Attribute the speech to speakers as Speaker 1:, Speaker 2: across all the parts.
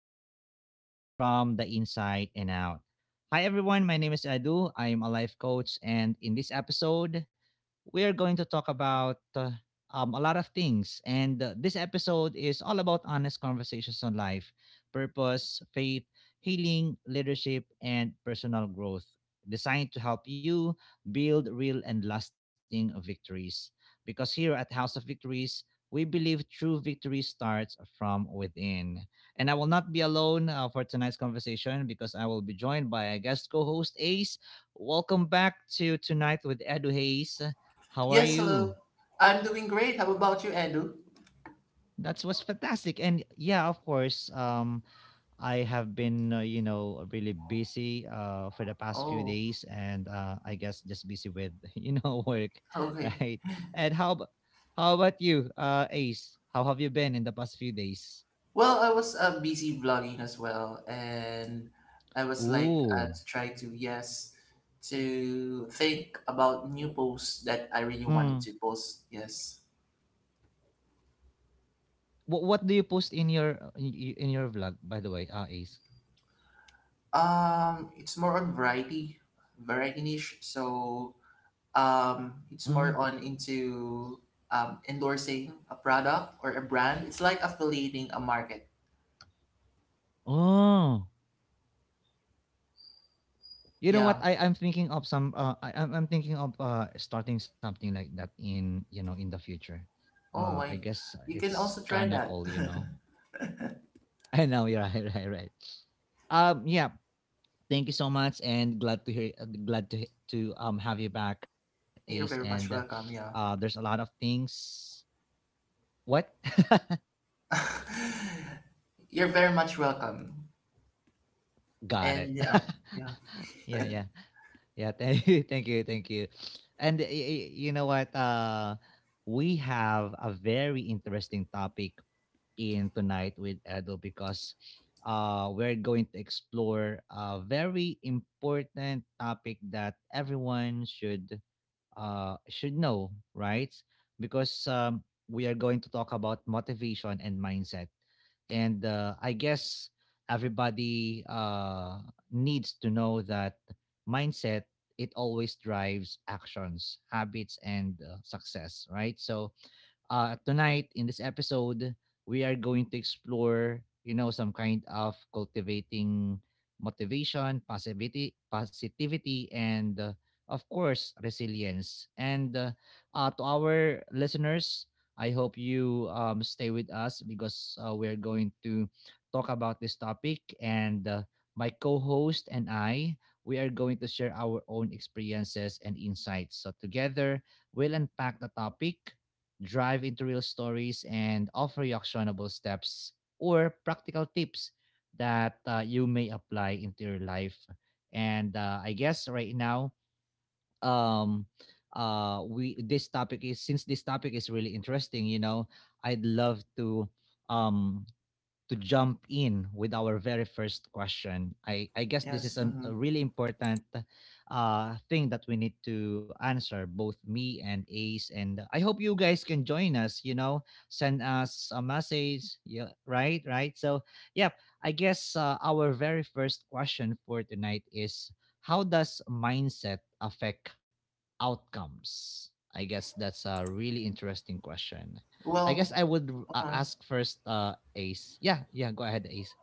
Speaker 1: winning from the inside and out. Hi, everyone. My name is Edu. I am a life coach. And in this episode, we are going to talk about a lot of things. And this episode is all about honest conversations on life, purpose, faith, healing, leadership, and personal growth, designed to help you build real and lasting victories. Because here at House of Victories, we believe true victory starts from within. And I will not be alone for tonight's conversation because I will be joined by a guest co host, Ace. Welcome back to Tonight with Edu Hayes. How are
Speaker 2: Yes, hello.
Speaker 1: you?
Speaker 2: I'm doing great. How about you, Andrew?
Speaker 1: That was fantastic. And yeah, of course, I have been, really busy for the past few
Speaker 2: Oh,
Speaker 1: days, and I guess just busy with, work,
Speaker 2: okay.
Speaker 1: right? And how about you, Ace? How have you been in the past few days?
Speaker 2: Well, I was busy vlogging as well, and I was like
Speaker 1: Ooh.
Speaker 2: to try to yes to think about new posts that I really wanted
Speaker 1: Mm.
Speaker 2: to post. Yes.
Speaker 1: What do you post in your in your vlog, by the way, Ace?
Speaker 2: It's more on variety, variety niche. So it's
Speaker 1: Mm.
Speaker 2: more on into endorsing a product or a brand. It's like affiliating a market.
Speaker 1: Oh. You know what?
Speaker 2: Yeah.
Speaker 1: I'm thinking of some. I'm thinking of starting something like that in in the future.
Speaker 2: Oh,
Speaker 1: I
Speaker 2: why?
Speaker 1: guess
Speaker 2: You can
Speaker 1: it's
Speaker 2: also try
Speaker 1: kind of
Speaker 2: that.
Speaker 1: cool. I know you're right, right, right. Yeah. Thank you so much, and glad to hear, glad to he- to have you back, Ace.
Speaker 2: You're
Speaker 1: And
Speaker 2: very much welcome. Yeah.
Speaker 1: there's a lot of things. What?
Speaker 2: You're very much welcome.
Speaker 1: Got it.
Speaker 2: And yeah, yeah,
Speaker 1: Yeah, yeah, yeah. Thank you, thank you, thank you. And you know what? We have a very interesting topic in tonight with Edo because we're going to explore a very important topic that everyone should know, right? Because we are going to talk about motivation and mindset, and I guess everybody needs to know that mindset it always drives actions, habits, and success, right? So tonight in this episode, we are going to explore, some kind of cultivating motivation, positivity, and of course, resilience. And to our listeners, I hope you stay with us because we're going to talk about this topic. And my co host and I, we are going to share our own experiences and insights. So, together, we'll unpack the topic drive into real stories, and offer you actionable steps or practical tips that you may apply into your life. And I guess right now, um, we this topic is since this topic is really interesting. You know, I'd love um to jump in with our very first question. I guess this is
Speaker 2: yes.
Speaker 1: an,
Speaker 2: Hmm.
Speaker 1: a really important thing that we need to answer, both me and Ace. And I hope you guys can join us, send us a message. Yeah, right, right. So, yeah, I guess our very first question for tonight is, how does mindset affect outcomes? I guess that's a really interesting question. I guess
Speaker 2: Well,
Speaker 1: I would
Speaker 2: uh,
Speaker 1: ask first, Ace. Yeah, yeah, go ahead, Ace.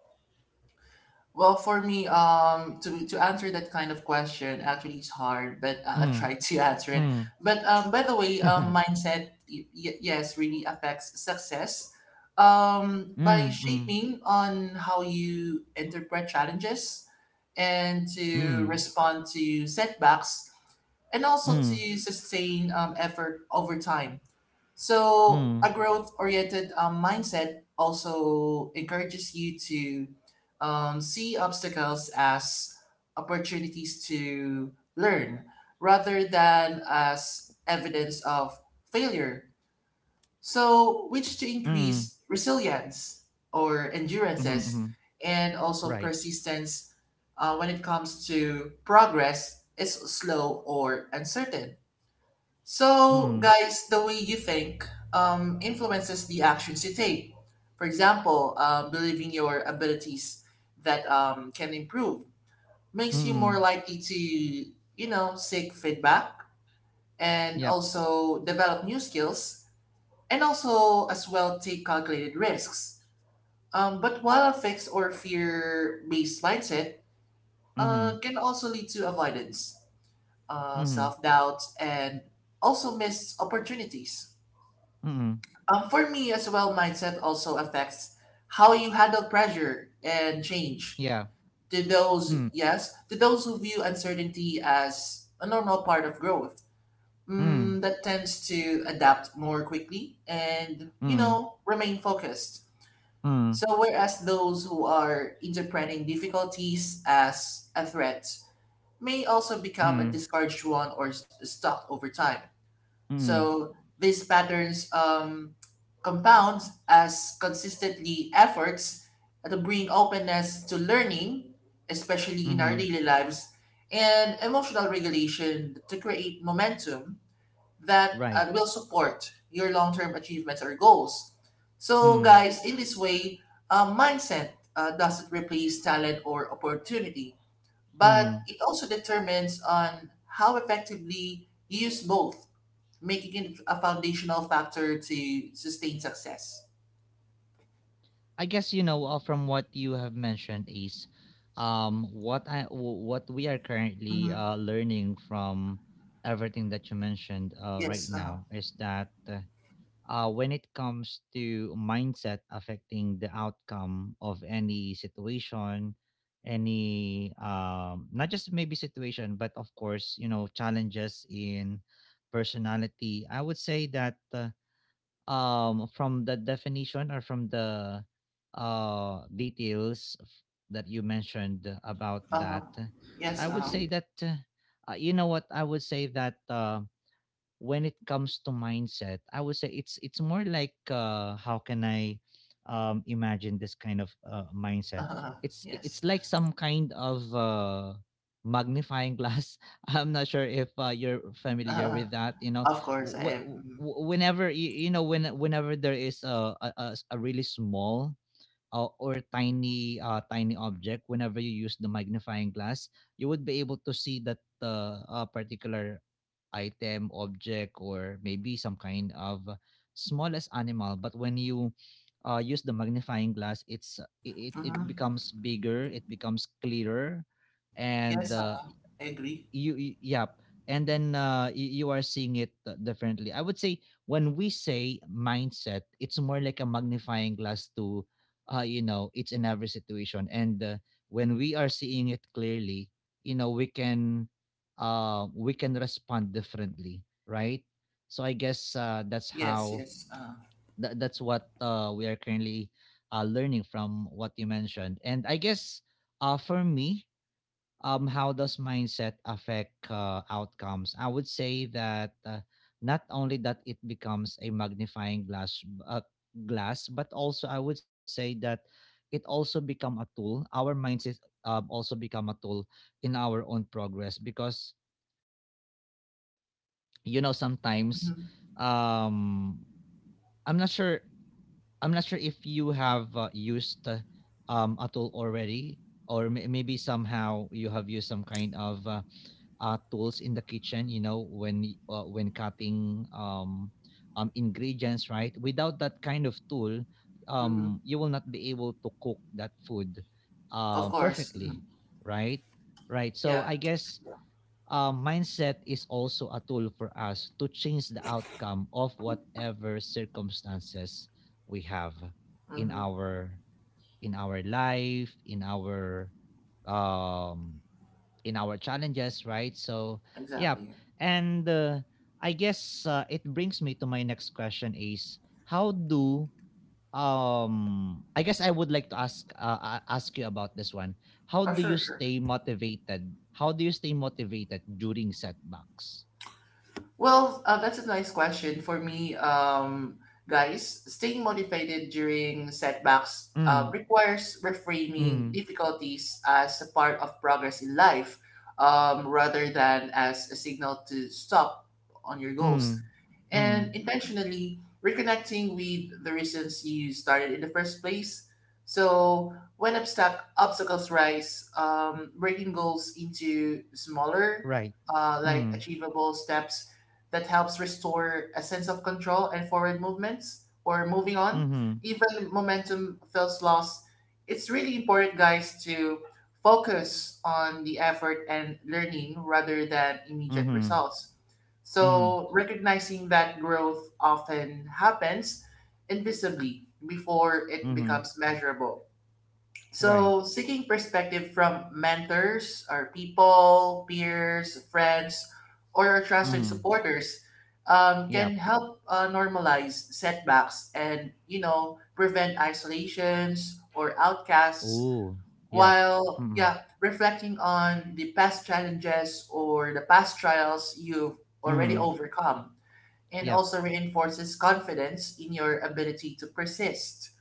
Speaker 2: well, for me, to answer that kind of question actually is hard, but I
Speaker 1: Mm.
Speaker 2: try to answer it.
Speaker 1: Mm.
Speaker 2: But by the way,
Speaker 1: Mm.
Speaker 2: mindset, yes, really affects success. By
Speaker 1: Mm.
Speaker 2: shaping on how you interpret challenges and to
Speaker 1: Mm.
Speaker 2: respond to setbacks and also
Speaker 1: Mm.
Speaker 2: to sustain effort over time. So,
Speaker 1: Mm.
Speaker 2: a growth oriented mindset also encourages you to see obstacles as opportunities to learn rather than as evidence of failure. So, which to
Speaker 1: Mm. Mhm.
Speaker 2: increase resilience or endurances
Speaker 1: Mhm.
Speaker 2: and also
Speaker 1: Right.
Speaker 2: persistence when it comes to progress is slow or uncertain. So,
Speaker 1: Mm.
Speaker 2: guys, the way you think influences the actions you take. For example, believing your abilities that can improve makes you more
Speaker 1: Mm.
Speaker 2: likely to, you know, seek feedback and
Speaker 1: Yep.
Speaker 2: also develop new skills and also as well take calculated risks. But while a fixed or fear-based mindset
Speaker 1: Mm.
Speaker 2: can also lead to avoidance,
Speaker 1: Mm.
Speaker 2: self-doubt, and also missed opportunities.
Speaker 1: Mm.
Speaker 2: For me as well, mindset also affects how you handle pressure and change.
Speaker 1: Yeah.
Speaker 2: To those,
Speaker 1: Mm.
Speaker 2: yes, to those who view uncertainty as a normal part of growth,
Speaker 1: Mm.
Speaker 2: that tends to adapt more quickly and, you
Speaker 1: Mm.
Speaker 2: know, remain focused.
Speaker 1: Mm.
Speaker 2: So, whereas those who are interpreting difficulties as a threat may also become a
Speaker 1: Mm.
Speaker 2: discouraged one or stuck over time.
Speaker 1: Mm.
Speaker 2: So these patterns compounds as consistently efforts to bring openness to learning, especially in our
Speaker 1: Mm.
Speaker 2: daily lives, and emotional regulation to create momentum that
Speaker 1: Right.
Speaker 2: will support your long-term achievements or goals. So,
Speaker 1: Mm.
Speaker 2: guys, in this way, mindset doesn't replace talent or opportunity, but
Speaker 1: Mm.
Speaker 2: it also determines on how effectively you use both making it a foundational factor to sustain success.
Speaker 1: I guess from what you have mentioned is what we are currently
Speaker 2: Mm-hmm.
Speaker 1: learning from everything that you mentioned right
Speaker 2: Yes. Uh-huh.
Speaker 1: now is that when it comes to mindset affecting the outcome of any situation, any not just maybe situation, but of course, challenges in personality. I would say that from the definition or from the details that you mentioned about
Speaker 2: Uh-huh.
Speaker 1: that I
Speaker 2: Yes.
Speaker 1: would
Speaker 2: Uh-huh.
Speaker 1: say that you know what? I would say that when it comes to mindset, I would say it's more like, how can I imagine this kind of mindset?
Speaker 2: Uh-huh.
Speaker 1: It's
Speaker 2: Yes.
Speaker 1: it's like some kind of magnifying glass. I'm not sure if you're familiar
Speaker 2: Uh-huh.
Speaker 1: with that. You know,
Speaker 2: Of course. I,
Speaker 1: whenever you, you know when whenever there is a really small or tiny object, whenever you use the magnifying glass you would be able to see that particular item object or maybe some kind of smallest animal. But when you use the magnifying glass it
Speaker 2: mm-hmm.
Speaker 1: becomes bigger, it becomes clearer. And
Speaker 2: Yes. I agree.
Speaker 1: you, yep, and then you are seeing it differently. I would say when we say mindset, it's more like a magnifying glass to it's in every situation. And when we are seeing it clearly, we can we can respond differently, right? So I guess
Speaker 2: Yes. Yes.
Speaker 1: that's what we are currently learning from what you mentioned. And I guess for me, how does mindset affect outcomes? I would say that not only that it becomes a magnifying uh, glass, but also I would say that it also become a tool. Our mindset also become a tool in our own progress because sometimes,
Speaker 2: Mm-hmm.
Speaker 1: um, I'm not sure I'm not sure if you have used a tool already, or maybe somehow you have used some kind of tools in the kitchen, when when cutting ingredients, right? Without that kind of tool,
Speaker 2: Mm-hmm.
Speaker 1: you will not be able to cook that food
Speaker 2: Of course. Mm-hmm.
Speaker 1: perfectly, right? Right. So
Speaker 2: Yeah.
Speaker 1: I guess mindset is also a tool for us to change the outcome of whatever circumstances we have in
Speaker 2: Mm-hmm.
Speaker 1: our life, um in our challenges, right? So, yeah.
Speaker 2: Exactly.
Speaker 1: And I guess it brings me to my next question is, how do I guess I would like to ask ask you about this one. How
Speaker 2: Oh,
Speaker 1: do you
Speaker 2: sure. Sure.
Speaker 1: stay motivated? How do you stay motivated during setbacks?
Speaker 2: Well, that's a nice question for me, guys. Staying motivated during setbacks
Speaker 1: Mm.
Speaker 2: requires reframing
Speaker 1: Mm.
Speaker 2: difficulties as a part of progress in life, rather than as a signal to stop on your goals
Speaker 1: Mm.
Speaker 2: and
Speaker 1: Mm.
Speaker 2: intentionally reconnecting with the reasons you started in the first place. So when obstacles rise, breaking goals into smaller,
Speaker 1: Right.
Speaker 2: like
Speaker 1: Mm.
Speaker 2: achievable steps that helps restore a sense of control and forward movements or moving on.
Speaker 1: mm-hmm,
Speaker 2: Even momentum feels lost. It's really important, guys, to focus on the effort and learning rather than immediate
Speaker 1: mm-hmm,
Speaker 2: results
Speaker 1: mm-hmm,
Speaker 2: so, recognizing that growth often happens invisibly before it
Speaker 1: mm-hmm,
Speaker 2: becomes measurable.
Speaker 1: right.
Speaker 2: So, seeking perspective from mentors, our people, peers, friends, or our trusted
Speaker 1: Mm.
Speaker 2: supporters can
Speaker 1: Yep.
Speaker 2: help normalize setbacks and, you know, prevent isolations or outcasts
Speaker 1: Ooh. Yep.
Speaker 2: while, yeah, reflecting on the past challenges or the past trials you've already
Speaker 1: Mm-hmm.
Speaker 2: overcome and
Speaker 1: Yep.
Speaker 2: also reinforces confidence in your ability to persist.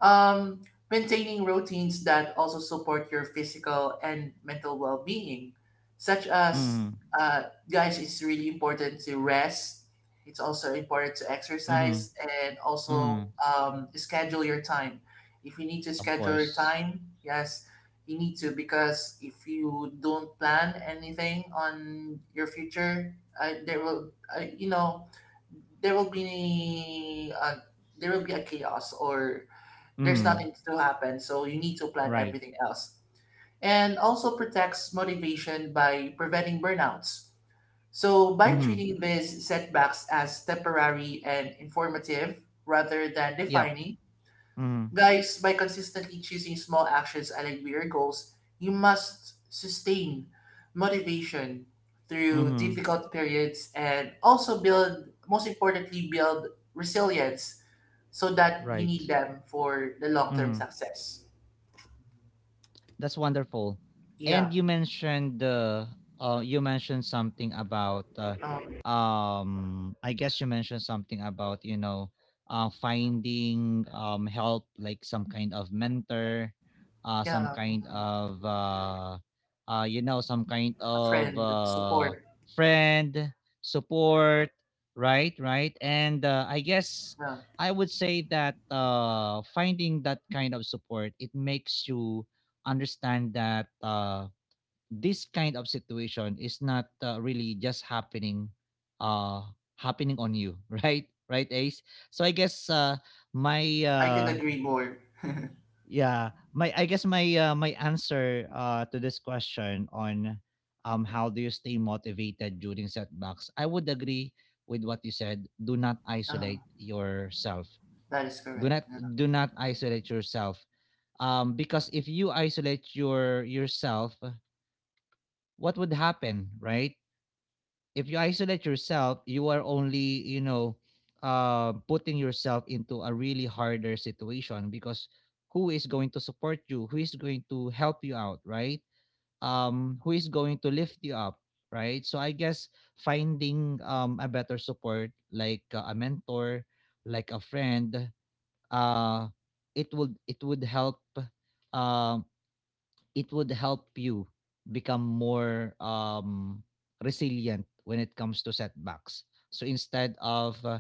Speaker 2: Um, Maintaining routines that also support your physical and mental well being, such as,
Speaker 1: Mhm.
Speaker 2: uh, guys, it's really important to rest. It's also important to
Speaker 1: Mhm.
Speaker 2: exercise and also
Speaker 1: Mhm.
Speaker 2: schedule your time. If you need to
Speaker 1: Of
Speaker 2: schedule your
Speaker 1: course.
Speaker 2: time, yes, you need to because if you don't plan anything on your future, there will, you know, there will be uh, there will be a chaos or there's
Speaker 1: Mm.
Speaker 2: nothing to happen so you need to plan
Speaker 1: Right.
Speaker 2: everything else and also protects motivation by preventing burnouts so by
Speaker 1: Mhm.
Speaker 2: treating these setbacks as temporary and informative rather than
Speaker 1: Yep.
Speaker 2: defining.
Speaker 1: Mhm.
Speaker 2: Guys, by consistently choosing small actions aligned with your goals, you must sustain motivation through
Speaker 1: Mhm.
Speaker 2: difficult periods and also build, most importantly, build resilience so that you need
Speaker 1: Right.
Speaker 2: them for the long term
Speaker 1: Mhm.
Speaker 2: success.
Speaker 1: That's wonderful.
Speaker 2: Yeah,
Speaker 1: And you mentioned something about
Speaker 2: um,
Speaker 1: I guess you mentioned something about finding help, like some kind of mentor, some
Speaker 2: yeah,
Speaker 1: kind of some kind
Speaker 2: a
Speaker 1: of
Speaker 2: friend, support.
Speaker 1: friend, support, right? Right? And I guess
Speaker 2: Yeah,
Speaker 1: I would say that finding that kind of support it makes you understand that this kind of situation is not really just uh, happening on you, right? Right, Ace. So I guess my
Speaker 2: I could agree more.
Speaker 1: yeah, my I guess my my answer to this question on, how do you stay motivated during setbacks? I would agree with what you said. Do not
Speaker 2: Uh,
Speaker 1: isolate yourself.
Speaker 2: that is
Speaker 1: Do
Speaker 2: correct.
Speaker 1: not
Speaker 2: Yeah.
Speaker 1: do not isolate yourself, because if you isolate yourself what would happen, right? If you isolate yourself, you are only, putting yourself into a really harder situation because who is going to support you? Who is going to help you out, right? Who is going to lift you up, right? So I guess finding a better support, like a mentor, like a friend, uh, it would help, um it would help you become more, resilient when it comes to setbacks. So instead of uh,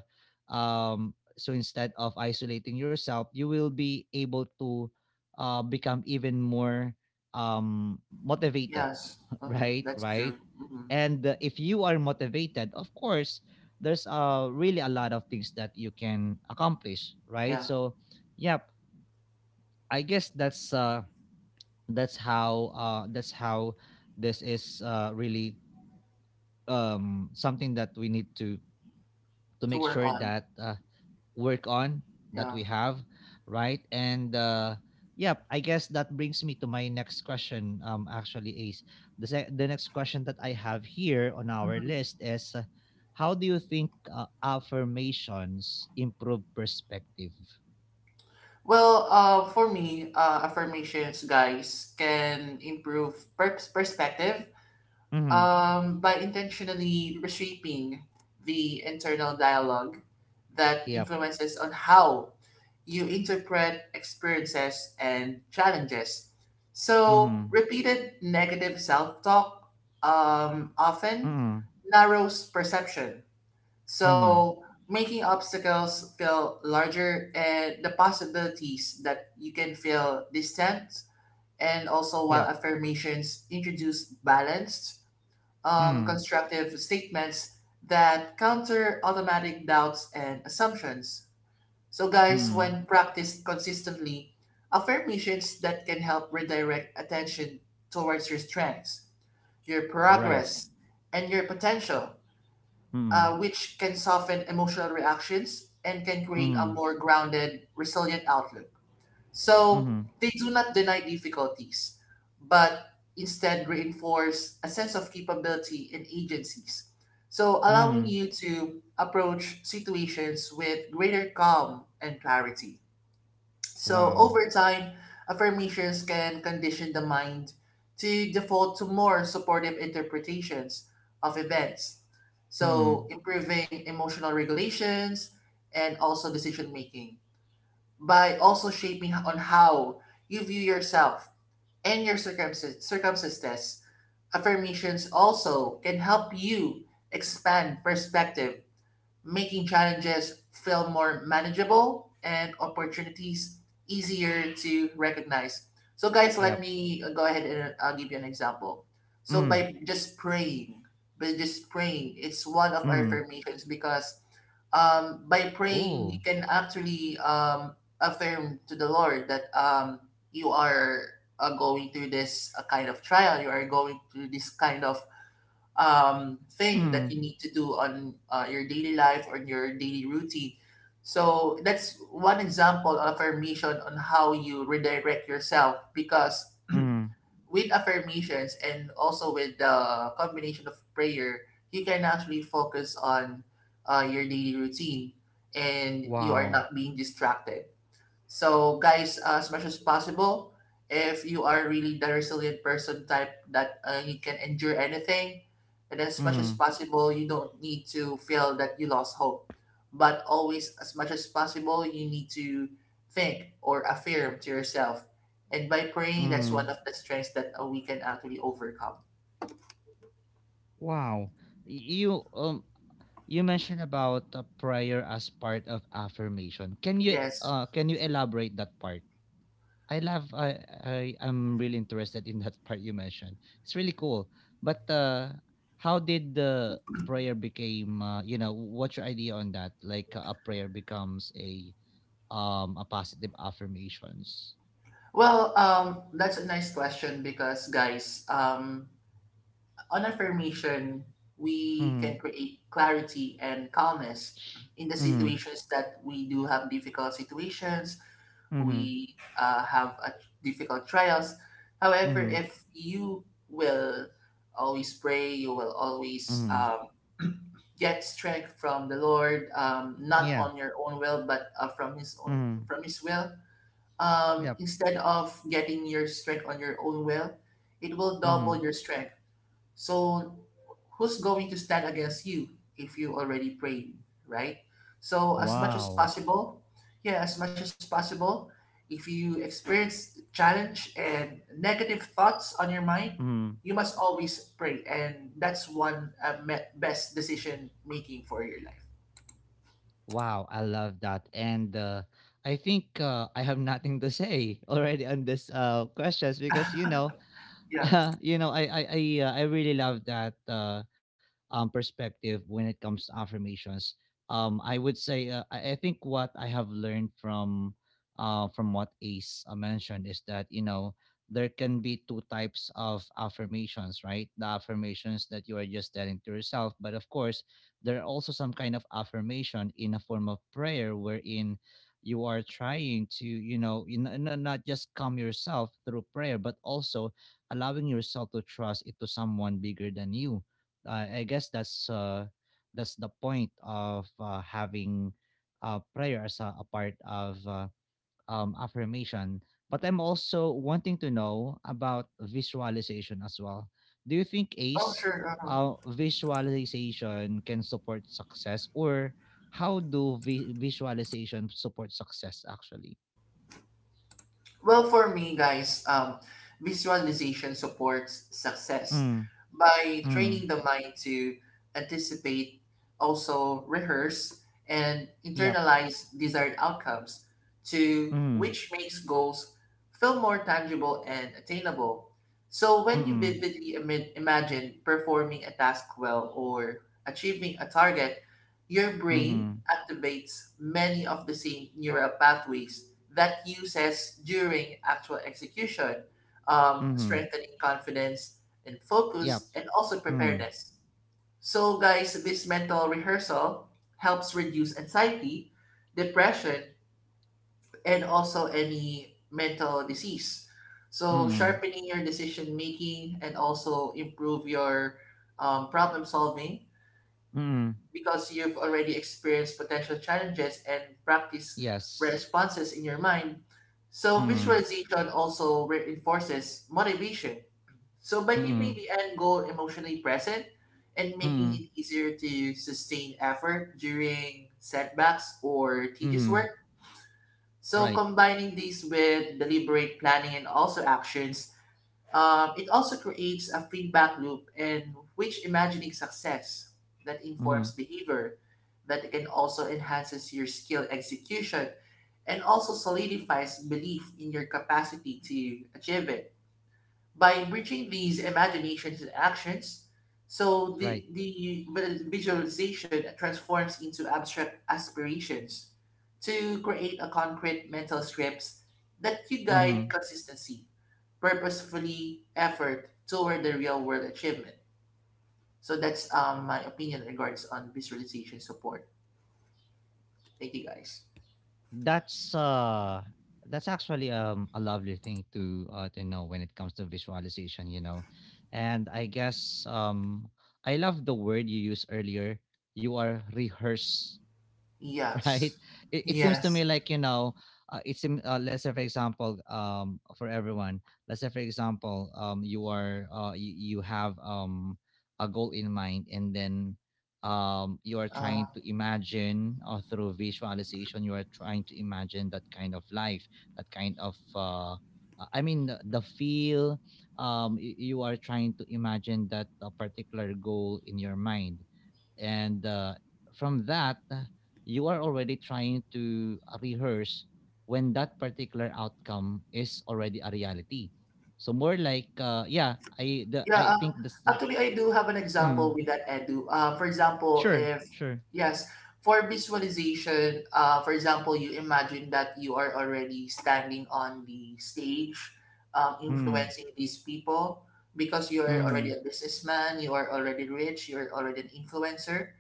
Speaker 1: so instead of isolating yourself, you will be able to become even more, motivated,
Speaker 2: Yes, uh-huh,
Speaker 1: right?
Speaker 2: that's
Speaker 1: Right.
Speaker 2: true. Hmm.
Speaker 1: And if you are motivated, of course, there's really a lot of things that you can accomplish, right?
Speaker 2: Yeah,
Speaker 1: So, yep, I guess that's how this is really, something that we need to
Speaker 2: to
Speaker 1: make
Speaker 2: work
Speaker 1: sure
Speaker 2: on.
Speaker 1: that work on, that
Speaker 2: Yeah.
Speaker 1: we have, right? And yeah, I guess that brings me to my next question, actually, Ace. The next question that I have here on our
Speaker 2: Mm-hmm.
Speaker 1: list is, how do you think affirmations improve perspective?
Speaker 2: Well, for me, affirmations, guys, can improve perspective
Speaker 1: Mm-hmm.
Speaker 2: by intentionally reshaping the internal dialogue that
Speaker 1: Yep.
Speaker 2: influences on how you interpret experiences and challenges. So,
Speaker 1: Mm-hmm.
Speaker 2: repeated negative self talk often
Speaker 1: Mm-hmm.
Speaker 2: narrows perception
Speaker 1: Mm-hmm.
Speaker 2: so making obstacles feel larger and the possibilities that you can feel distant and also
Speaker 1: Yep.
Speaker 2: while affirmations introduce balanced,
Speaker 1: Mm-hmm.
Speaker 2: constructive statements that counter automatic doubts and assumptions. So guys,
Speaker 1: Mm-hmm.
Speaker 2: when practiced consistently, affirmations that can help redirect attention towards your strengths, your
Speaker 1: Right.
Speaker 2: progress, and your potential
Speaker 1: Mm.
Speaker 2: which can soften emotional reactions and can create a
Speaker 1: Mhm.
Speaker 2: more grounded, resilient outlook. So
Speaker 1: Mhm.
Speaker 2: they do not deny difficulties, but instead reinforce a sense of capability and agencies. So allowing
Speaker 1: Mhm.
Speaker 2: you to approach situations with greater calm and clarity. So
Speaker 1: Wow.
Speaker 2: over time, affirmations can condition the mind to default to more supportive interpretations of events. So
Speaker 1: Mm.
Speaker 2: improving emotional regulations and also decision making by also shaping on how you view yourself and your circumstances. Affirmations also can help you expand perspective making challenges feel more manageable and opportunities easier to recognize. So, guys, let
Speaker 1: Yep.
Speaker 2: me go ahead and I'll give you an example. So,
Speaker 1: Mm.
Speaker 2: by just praying, it's one of our
Speaker 1: Mm.
Speaker 2: affirmations because by praying, you
Speaker 1: Ooh.
Speaker 2: can actually affirm to the Lord that you are going through this kind of trial, you are going through this kind of thing that
Speaker 1: Mm.
Speaker 2: you need to do on your daily life or your daily routine. So that's one example of affirmation on how you redirect yourself because
Speaker 1: Mm.
Speaker 2: with affirmations and also with the combination of prayer, you can actually focus on your daily routine and you are
Speaker 1: Wow.
Speaker 2: not being distracted. So, guys, as much as possible, if you are really the resilient person type that you can endure anything, and as much as
Speaker 1: Mhm.
Speaker 2: possible, you don't need to feel that you lost hope. But always, as much as possible, you need to think or affirm to yourself. And by praying, that's one
Speaker 1: Mm.
Speaker 2: of the strengths that we can actually overcome.
Speaker 1: Wow. Y- You um you mentioned about a prayer as part of affirmation.
Speaker 2: Yes.
Speaker 1: Can you elaborate that part? I love I am really interested in that part you mentioned. It's really cool. But how did the prayer became, what's your idea on that? Like a prayer becomes a positive affirmations.
Speaker 2: Well, that's a nice question because, guys, on affirmation, we can
Speaker 1: Mhm.
Speaker 2: create clarity and calmness in the
Speaker 1: Mhm.
Speaker 2: situations that we do have difficult situations,
Speaker 1: Mhm.
Speaker 2: we have a difficult trials. However,
Speaker 1: Mhm.
Speaker 2: if you will always pray, you will always
Speaker 1: Mhm.
Speaker 2: get strength from the Lord, not
Speaker 1: Yeah.
Speaker 2: on your own will, but from His own
Speaker 1: Mhm.
Speaker 2: from His will.
Speaker 1: Yep.
Speaker 2: Instead of getting your strength on your own will, it will double
Speaker 1: Mhm.
Speaker 2: your strength. So who's going to stand against you if you already prayed, right? So as much as
Speaker 1: Wow.
Speaker 2: possible, yeah, as much as possible, if you experience challenge and negative thoughts on your mind,
Speaker 1: Mhm.
Speaker 2: you must always pray, and that's one best decision making for your life.
Speaker 1: Wow, I love that. And I think I have nothing to say already on this questions because you know
Speaker 2: Yeah.
Speaker 1: I really love that perspective when it comes to affirmations. I would say I think what I have learned from what Ace mentioned is that you know there can be two types of affirmations, right? The affirmations that you are just telling to yourself, but of course there are also some kind of affirmation in a form of prayer wherein you are trying to you know not just calm yourself through prayer but also allowing yourself to trust it to someone bigger than you. I guess that's the point of having prayer as a part of affirmation. But I'm also wanting to know about visualization as well. Do you think
Speaker 2: Oh,
Speaker 1: Ace
Speaker 2: sure. Uh-huh.
Speaker 1: visualization can support success, or how do visualization support success actually?
Speaker 2: Well, for me, guys, visualization supports success
Speaker 1: Mm,
Speaker 2: by
Speaker 1: mm,
Speaker 2: training the mind to anticipate, also rehearse, and
Speaker 1: yep.
Speaker 2: internalize desired outcomes, to
Speaker 1: Mm,
Speaker 2: which makes goals feel more tangible and attainable. So,
Speaker 1: mm,
Speaker 2: when you
Speaker 1: mm,
Speaker 2: vividly imagine performing a task well or achieving a target, your brain
Speaker 1: mm,
Speaker 2: activates many of the same neural pathways that uses during actual execution,
Speaker 1: mm.
Speaker 2: strengthening confidence and
Speaker 1: Yep.
Speaker 2: focus, and also
Speaker 1: Mm.
Speaker 2: preparedness. So, guys, this mental rehearsal helps reduce anxiety, depression, and also any mental disease. So,
Speaker 1: Mm.
Speaker 2: sharpening your decision making and also improve your problem solving
Speaker 1: Mm.
Speaker 2: because you've already experienced potential challenges and practice
Speaker 1: Yes.
Speaker 2: responses in your mind. So
Speaker 1: Mm.
Speaker 2: visualization also reinforces motivation. So by keeping
Speaker 1: Mm.
Speaker 2: the end goal emotionally present and making
Speaker 1: Mm.
Speaker 2: it easier to sustain effort during setbacks or tedious
Speaker 1: Mm.
Speaker 2: work. So
Speaker 1: Right.
Speaker 2: combining these with deliberate planning and also actions it also creates a feedback loop in which imagining success that
Speaker 1: Mm.
Speaker 2: informs behavior, that it can also enhances your skill execution and also solidifies belief in your capacity to achieve it. By bridging these imaginations and actions, so
Speaker 1: Right.
Speaker 2: the visualization transforms into abstract aspirations to create a concrete mental scripts that you guide
Speaker 1: Mm.
Speaker 2: consistency purposefully effort toward the real world achievement. So that's my opinion regards on visualization support. Thank you guys.
Speaker 1: That's that's actually a lovely thing to know when it comes to visualization, you know. And I guess I love the word you used earlier. You are rehearse right?
Speaker 2: Yes.
Speaker 1: It seems to
Speaker 2: Yes.
Speaker 1: me like it seems let's say for example, for everyone, let's say for example, you are you have a goal in mind, and then you are
Speaker 2: Uh,
Speaker 1: trying to imagine or through visualization you are trying to imagine that kind of life that kind of I mean the feel you are trying to imagine that a particular goal in your mind and from that you are already trying to rehearse when that particular outcome is already a reality, so more like yeah i the
Speaker 2: yeah.
Speaker 1: i think.
Speaker 2: Actually, I do have an example
Speaker 1: Mm,
Speaker 2: with that Edu. For example,
Speaker 1: sure,
Speaker 2: if
Speaker 1: sure.
Speaker 2: yes, for visualization, for example, you imagine that you are already standing on the stage,
Speaker 1: Mm,
Speaker 2: influencing these people because you are already
Speaker 1: mm,
Speaker 2: a businessman, you are already rich, you are already an influencer,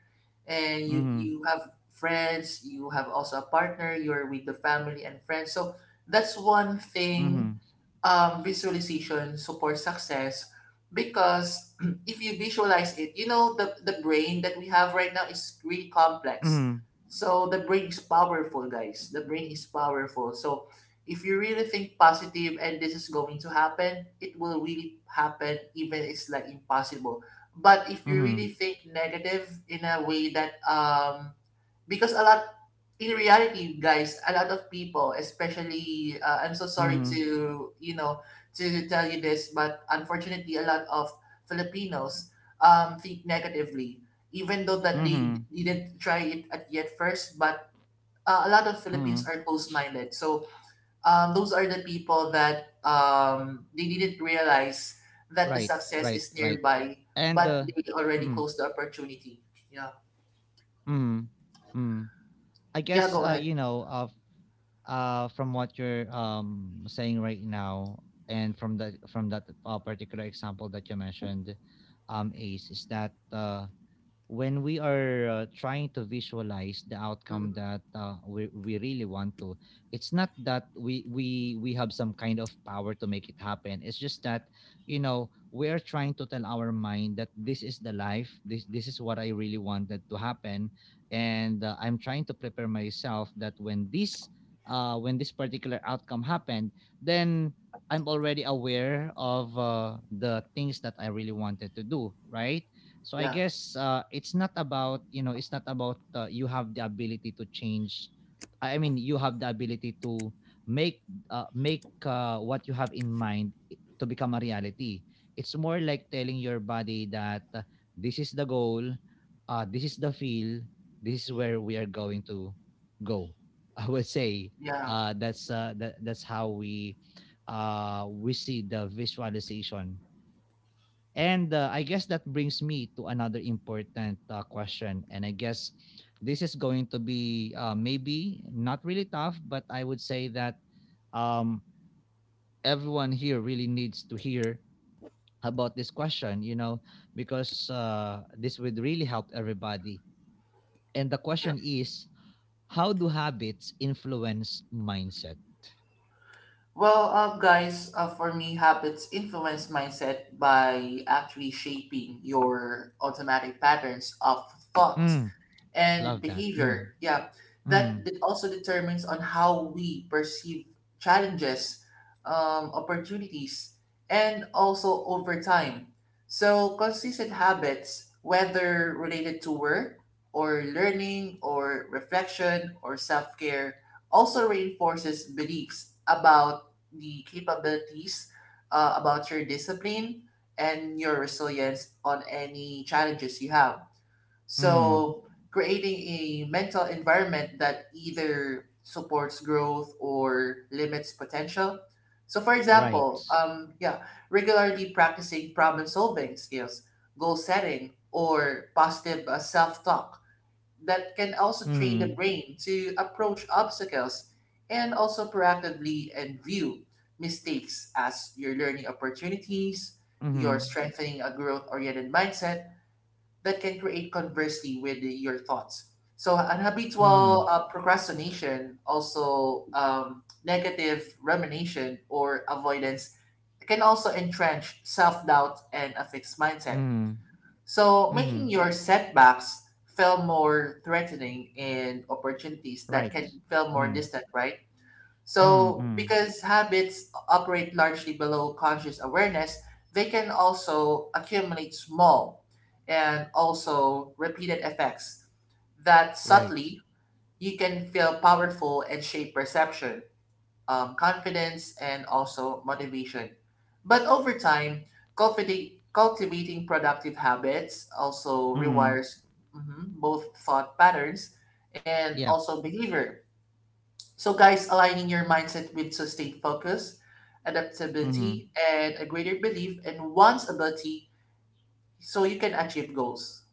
Speaker 2: and you
Speaker 1: mm,
Speaker 2: you have friends, you have also a partner, you're with the family and friends, so that's one thing.
Speaker 1: mm,
Speaker 2: Visualization supports success because if you visualize it, you know the brain that we have right now is really complex.
Speaker 1: mm,
Speaker 2: So the brain is powerful, guys. The brain is powerful. So if you really think positive and this is going to happen, it will really happen even it's like impossible. But if you
Speaker 1: mm,
Speaker 2: really think negative in a way that because a lot, in reality guys, a lot of people, especially I'm so sorry
Speaker 1: mm,
Speaker 2: to to tell you this, but unfortunately a lot of Filipinos think negatively even though that they
Speaker 1: mm,
Speaker 2: didn't try it at yet first. But a lot of
Speaker 1: mm.
Speaker 2: Philippines are close-minded. So those are the people that,
Speaker 1: Right, right,
Speaker 2: they didn't
Speaker 1: right.
Speaker 2: realize
Speaker 1: and
Speaker 2: that the success is nearby,
Speaker 1: mm,
Speaker 2: but they already closed the opportunity. Yeah.
Speaker 1: mm, mm. I guess
Speaker 2: Yeah, go ahead.
Speaker 1: from what you're saying right now and from that particular example that you mentioned Ace is that when we are trying to visualize the outcome
Speaker 2: Mhm.
Speaker 1: that we really want to, it's not that we have some kind of power to make it happen, it's just that you know we are trying to tell our mind that this is the life, this is what I really wanted to happen. And I'm trying to prepare myself that when this particular outcome happened then I'm already aware of the things that I really wanted to do, right? So I
Speaker 2: Yeah.
Speaker 1: guess it's not about you know it's not about you have the ability to change. I mean you have the ability to make make what you have in mind to become a reality. It's more like telling your body that this is the goal, this is the feel, this is where we are going to go. I would say
Speaker 2: Yeah.
Speaker 1: that's how we see the visualization. And I guess that brings me to another important question. And I guess this is going to be maybe not really tough, but I would say that um, everyone here really needs to hear about this question, you know, because this would really help everybody. And the
Speaker 2: Yeah.
Speaker 1: question is, how do habits influence mindset?
Speaker 2: Well, guys, for me, habits influence mindset by actually shaping your automatic patterns of thought
Speaker 1: Mm,
Speaker 2: and
Speaker 1: love that. Mm,
Speaker 2: behavior. Yeah,
Speaker 1: mm,
Speaker 2: that also determines on how we perceive challenges, opportunities, and also over time. So consistent habits, whether related to work or learning or reflection or self care, also reinforces beliefs about the capabilities, about your discipline and your resilience on any challenges you have.
Speaker 1: mm.
Speaker 2: So creating a mental environment that either supports growth or limits potential. So for example,
Speaker 1: Right.
Speaker 2: regularly practicing problem solving skills, goal setting, or positive self-talk that can also train the
Speaker 1: Mm,
Speaker 2: brain to approach obstacles and also proactively and view mistakes as your learning opportunities, your
Speaker 1: mm,
Speaker 2: strengthening a growth-oriented mindset, that can create conversely with your thoughts. So
Speaker 1: mm,
Speaker 2: unhabitual procrastination, also negative rumination or avoidance, can also entrench self-doubt and a fixed mindset.
Speaker 1: mm.
Speaker 2: So making
Speaker 1: Mhm.
Speaker 2: your setbacks feel more threatening and opportunities that
Speaker 1: Right.
Speaker 2: can feel more
Speaker 1: Mm.
Speaker 2: distant, right?
Speaker 1: Mm,
Speaker 2: So,
Speaker 1: mm.
Speaker 2: because habits operate largely below conscious awareness, they can also accumulate small and also repeated effects that
Speaker 1: Right.
Speaker 2: subtly you can feel powerful and shape perception, confidence, and also motivation. But over time, cultivating productive habits also
Speaker 1: Mm.
Speaker 2: requires mhm, both thought patterns and
Speaker 1: Yeah.
Speaker 2: also behavior, so, guys, aligning your mindset with sustained focus,
Speaker 1: Mhm.
Speaker 2: adaptability, and a greater belief in one's ability so you can achieve goals.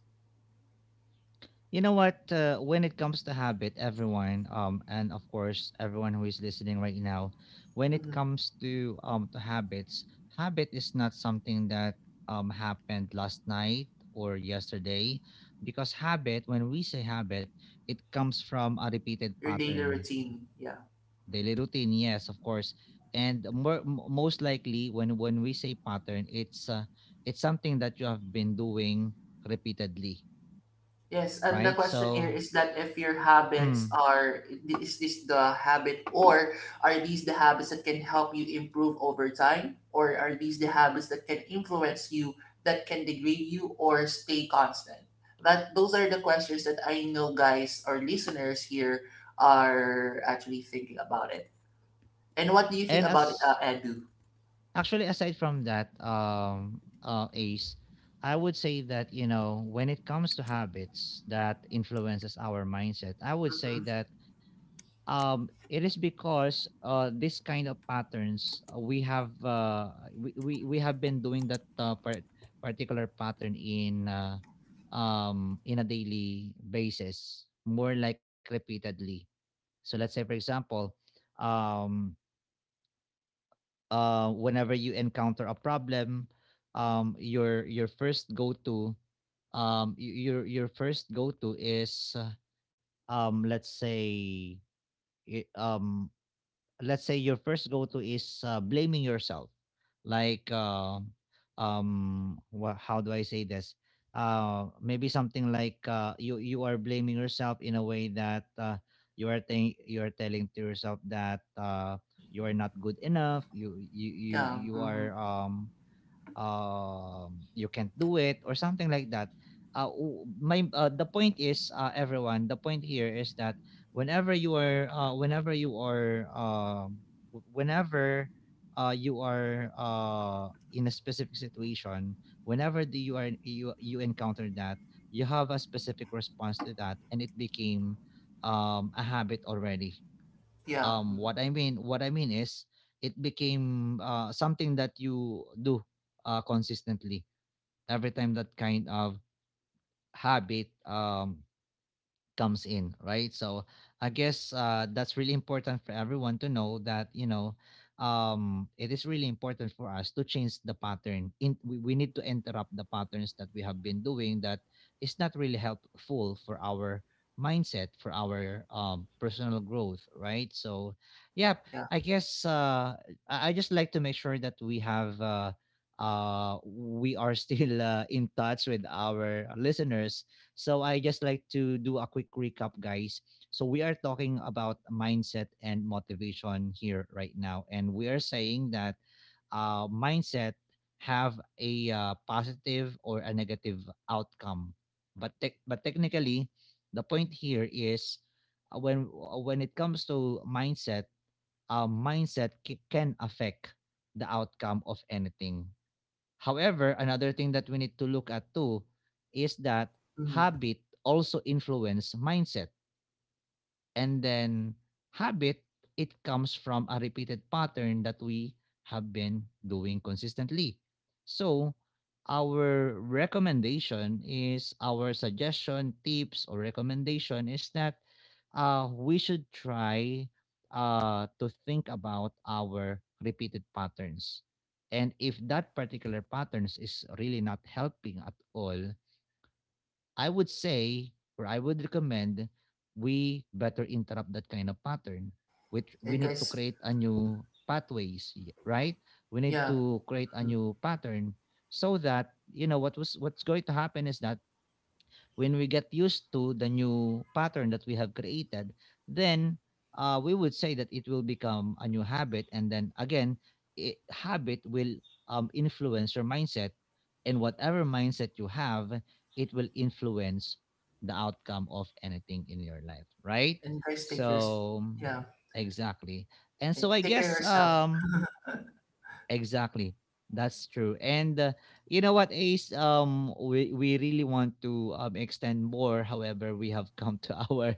Speaker 1: You know what? When it comes to habit, everyone, and of course, everyone who is listening right now, when it
Speaker 2: Mhm.
Speaker 1: comes to habits, habit is not something that happened last night or yesterday, because habit, when we say habit, it comes from a repeated
Speaker 2: Your daily
Speaker 1: pattern.
Speaker 2: routine. Yeah.
Speaker 1: Daily routine, yes, of course. And more, most likely, when we say pattern, it's something that you have been doing repeatedly,
Speaker 2: Yes, and the
Speaker 1: right?
Speaker 2: question here
Speaker 1: So,
Speaker 2: is that if your habits
Speaker 1: mm.
Speaker 2: are, is this the habit, or are these the habits that can help you improve over time? Or are these the habits that can influence you, that can degrade you, or stay constant? That those are the questions that I know guys or listeners here are actually thinking about it. And what do you think
Speaker 1: and
Speaker 2: about it,
Speaker 1: as
Speaker 2: Edu?
Speaker 1: actually aside from that, Ace, I would say that you know when it comes to habits that influences our mindset, I would
Speaker 2: Mm-hmm.
Speaker 1: say that it is because this kind of patterns we have been doing that particular pattern in a daily basis, more like repeatedly. So let's say for example, um whenever you encounter a problem, your your first go to your first go to is let's say, i- um let's say your first go to is blaming yourself, like wha- how do I say this, maybe something like you you are blaming yourself in a way that you are think you are telling to yourself that you are not good enough,
Speaker 2: Yeah,
Speaker 1: you
Speaker 2: mm-hmm.
Speaker 1: are you can't do it or something like that. My the point is, everyone. The point here is that whenever you are, whenever you are, whenever you are in a specific situation, whenever do you are you you encounter that, you have a specific response to that, and it became a habit already.
Speaker 2: Yeah,
Speaker 1: What I mean, what I mean is it became something that you do consistently every time that kind of habit comes in, right? So I guess that's really important for everyone to know that you know it is really important for us to change the pattern. We need to interrupt the patterns that we have been doing that is not really helpful for our mindset, for our personal growth, right? So yeah,
Speaker 2: yeah.
Speaker 1: I guess I just like to make sure that we have. We are still in touch with our listeners, so I just like to do a quick recap, guys. So we are talking about mindset and motivation here right now, and we are saying that mindset have a positive or a negative outcome, but technically, the point here is when it comes to mindset, mindset can affect the outcome of anything. However, another thing that we need to look at too is that
Speaker 2: Mm-hmm.
Speaker 1: habit also influence mindset. And then habit, it comes from a repeated pattern that we have been doing consistently. So our recommendation is, our suggestion, tips, or recommendation is that we should try to think about our repeated patterns. And if that particular patterns is really not helping at all, I would say, or I would recommend, we better interrupt that kind of pattern. Which we
Speaker 2: And
Speaker 1: need to
Speaker 2: guys,
Speaker 1: create a new pathways, right? We need
Speaker 2: yeah,
Speaker 1: to create a new pattern so that you know what was what's going to happen is that when we get used to the new pattern that we have created, then we would say that it will become a new habit. And then again, habit will influence your mindset. And whatever mindset you have, it will influence the outcome of anything in your life, right?
Speaker 2: and guys, take yours.
Speaker 1: So,
Speaker 2: Yeah.
Speaker 1: exactly. And
Speaker 2: Eh,
Speaker 1: so I
Speaker 2: take care of
Speaker 1: guess
Speaker 2: yourself.
Speaker 1: um, exactly. That's true. And you know what, Ace? We really want to extend more. However, we have come to our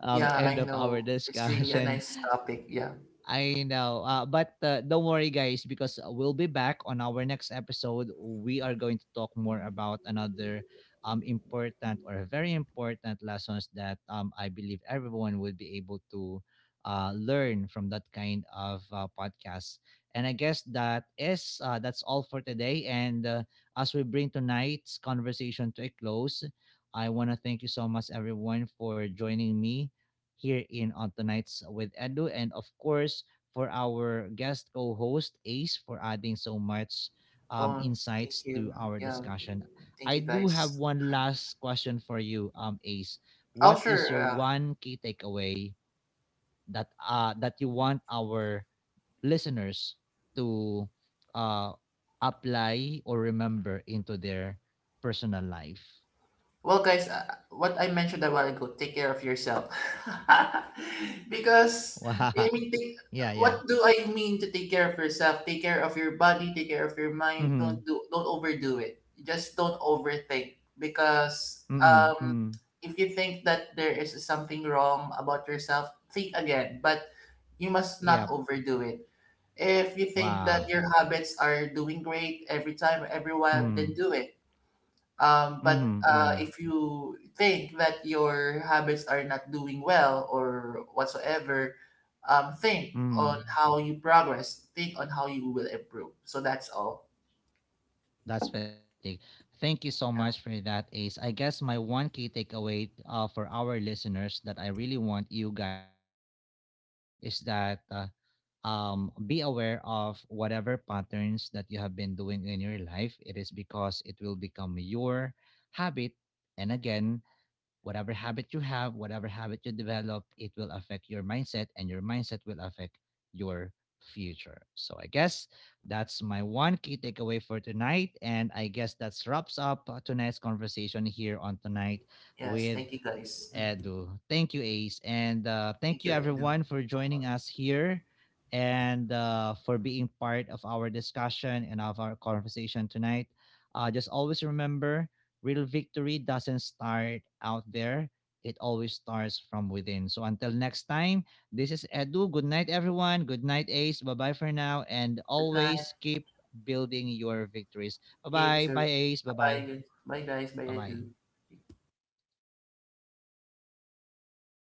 Speaker 2: Yeah,
Speaker 1: end
Speaker 2: I
Speaker 1: of our
Speaker 2: know. It's really a
Speaker 1: discussion.
Speaker 2: nice topic. Yeah.
Speaker 1: I know. But don't worry, guys, because we'll be back on our next episode. We are going to talk more about another important or very important lessons that I believe everyone will be able to learn from that kind of podcast. And I guess that is that's all for today. And as we bring tonight's conversation to a close, I want to thank you so much, everyone, for joining me here in On Tonight's with Edu, and of course for our guest co-host Ace for adding so much
Speaker 2: Oh, thank
Speaker 1: insights to
Speaker 2: you.
Speaker 1: our
Speaker 2: Yeah,
Speaker 1: discussion.
Speaker 2: thank
Speaker 1: I
Speaker 2: you
Speaker 1: do have
Speaker 2: guys.
Speaker 1: one last question for you, Ace.
Speaker 2: Oh,
Speaker 1: What is
Speaker 2: sure.
Speaker 1: your
Speaker 2: Yeah.
Speaker 1: one key takeaway that that you want our listeners to uh apply or remember into their personal life?
Speaker 2: Well, guys, what I mentioned a while ago, take care of yourself. Because, I
Speaker 1: Wow.
Speaker 2: mean,
Speaker 1: Yeah,
Speaker 2: what
Speaker 1: yeah.
Speaker 2: do I mean to take care of yourself? Take care of your body, take care of your mind.
Speaker 1: Mm-hmm.
Speaker 2: Don't overdo it. Just don't overthink. Because,
Speaker 1: Mm-hmm, mm-hmm.
Speaker 2: if you think that there is something wrong about yourself, think again. But you must not
Speaker 1: Yep.
Speaker 2: overdo it. If you think that
Speaker 1: Wow.
Speaker 2: your habits are doing great every time, every while, then
Speaker 1: Mm.
Speaker 2: do it. But
Speaker 1: Mhm, mhm,
Speaker 2: if you think that your habits are not doing well or whatsoever, think
Speaker 1: mm.
Speaker 2: on how you progress. Think on how you will improve. So that's all.
Speaker 1: That's fantastic. Thank you so
Speaker 2: Yeah.
Speaker 1: much for that, Ace. I guess my one key takeaway for our listeners that I really want you guys to remember is that be aware of whatever patterns that you have been doing in your life. It is because it will become your habit. And again, whatever habit you have, whatever habit you develop, it will affect your mindset and your mindset will affect your future. So I guess that's my one key takeaway for tonight. And I guess that wraps up tonight's conversation here on tonight
Speaker 2: Yes.
Speaker 1: with
Speaker 2: Thank you, guys. Mm.
Speaker 1: Edu. Thank you, Ace. And
Speaker 2: Thank
Speaker 1: thank you,
Speaker 2: you, Edu.
Speaker 1: everyone, for joining us here and for being part of our discussion and of our conversation tonight. Just always remember, real victory doesn't start out there, it always starts from within. So until next time, this is Edu. Good night, everyone. Good night, Ace. Bye bye for now. And
Speaker 2: Good night.
Speaker 1: always keep building your victories. Bye
Speaker 2: You
Speaker 1: bye.
Speaker 2: too.
Speaker 1: Bye, Ace. Bye
Speaker 2: Bye,
Speaker 1: bye.
Speaker 2: guys. Bye, guys. Bye,
Speaker 1: Bye bye.
Speaker 2: Edu.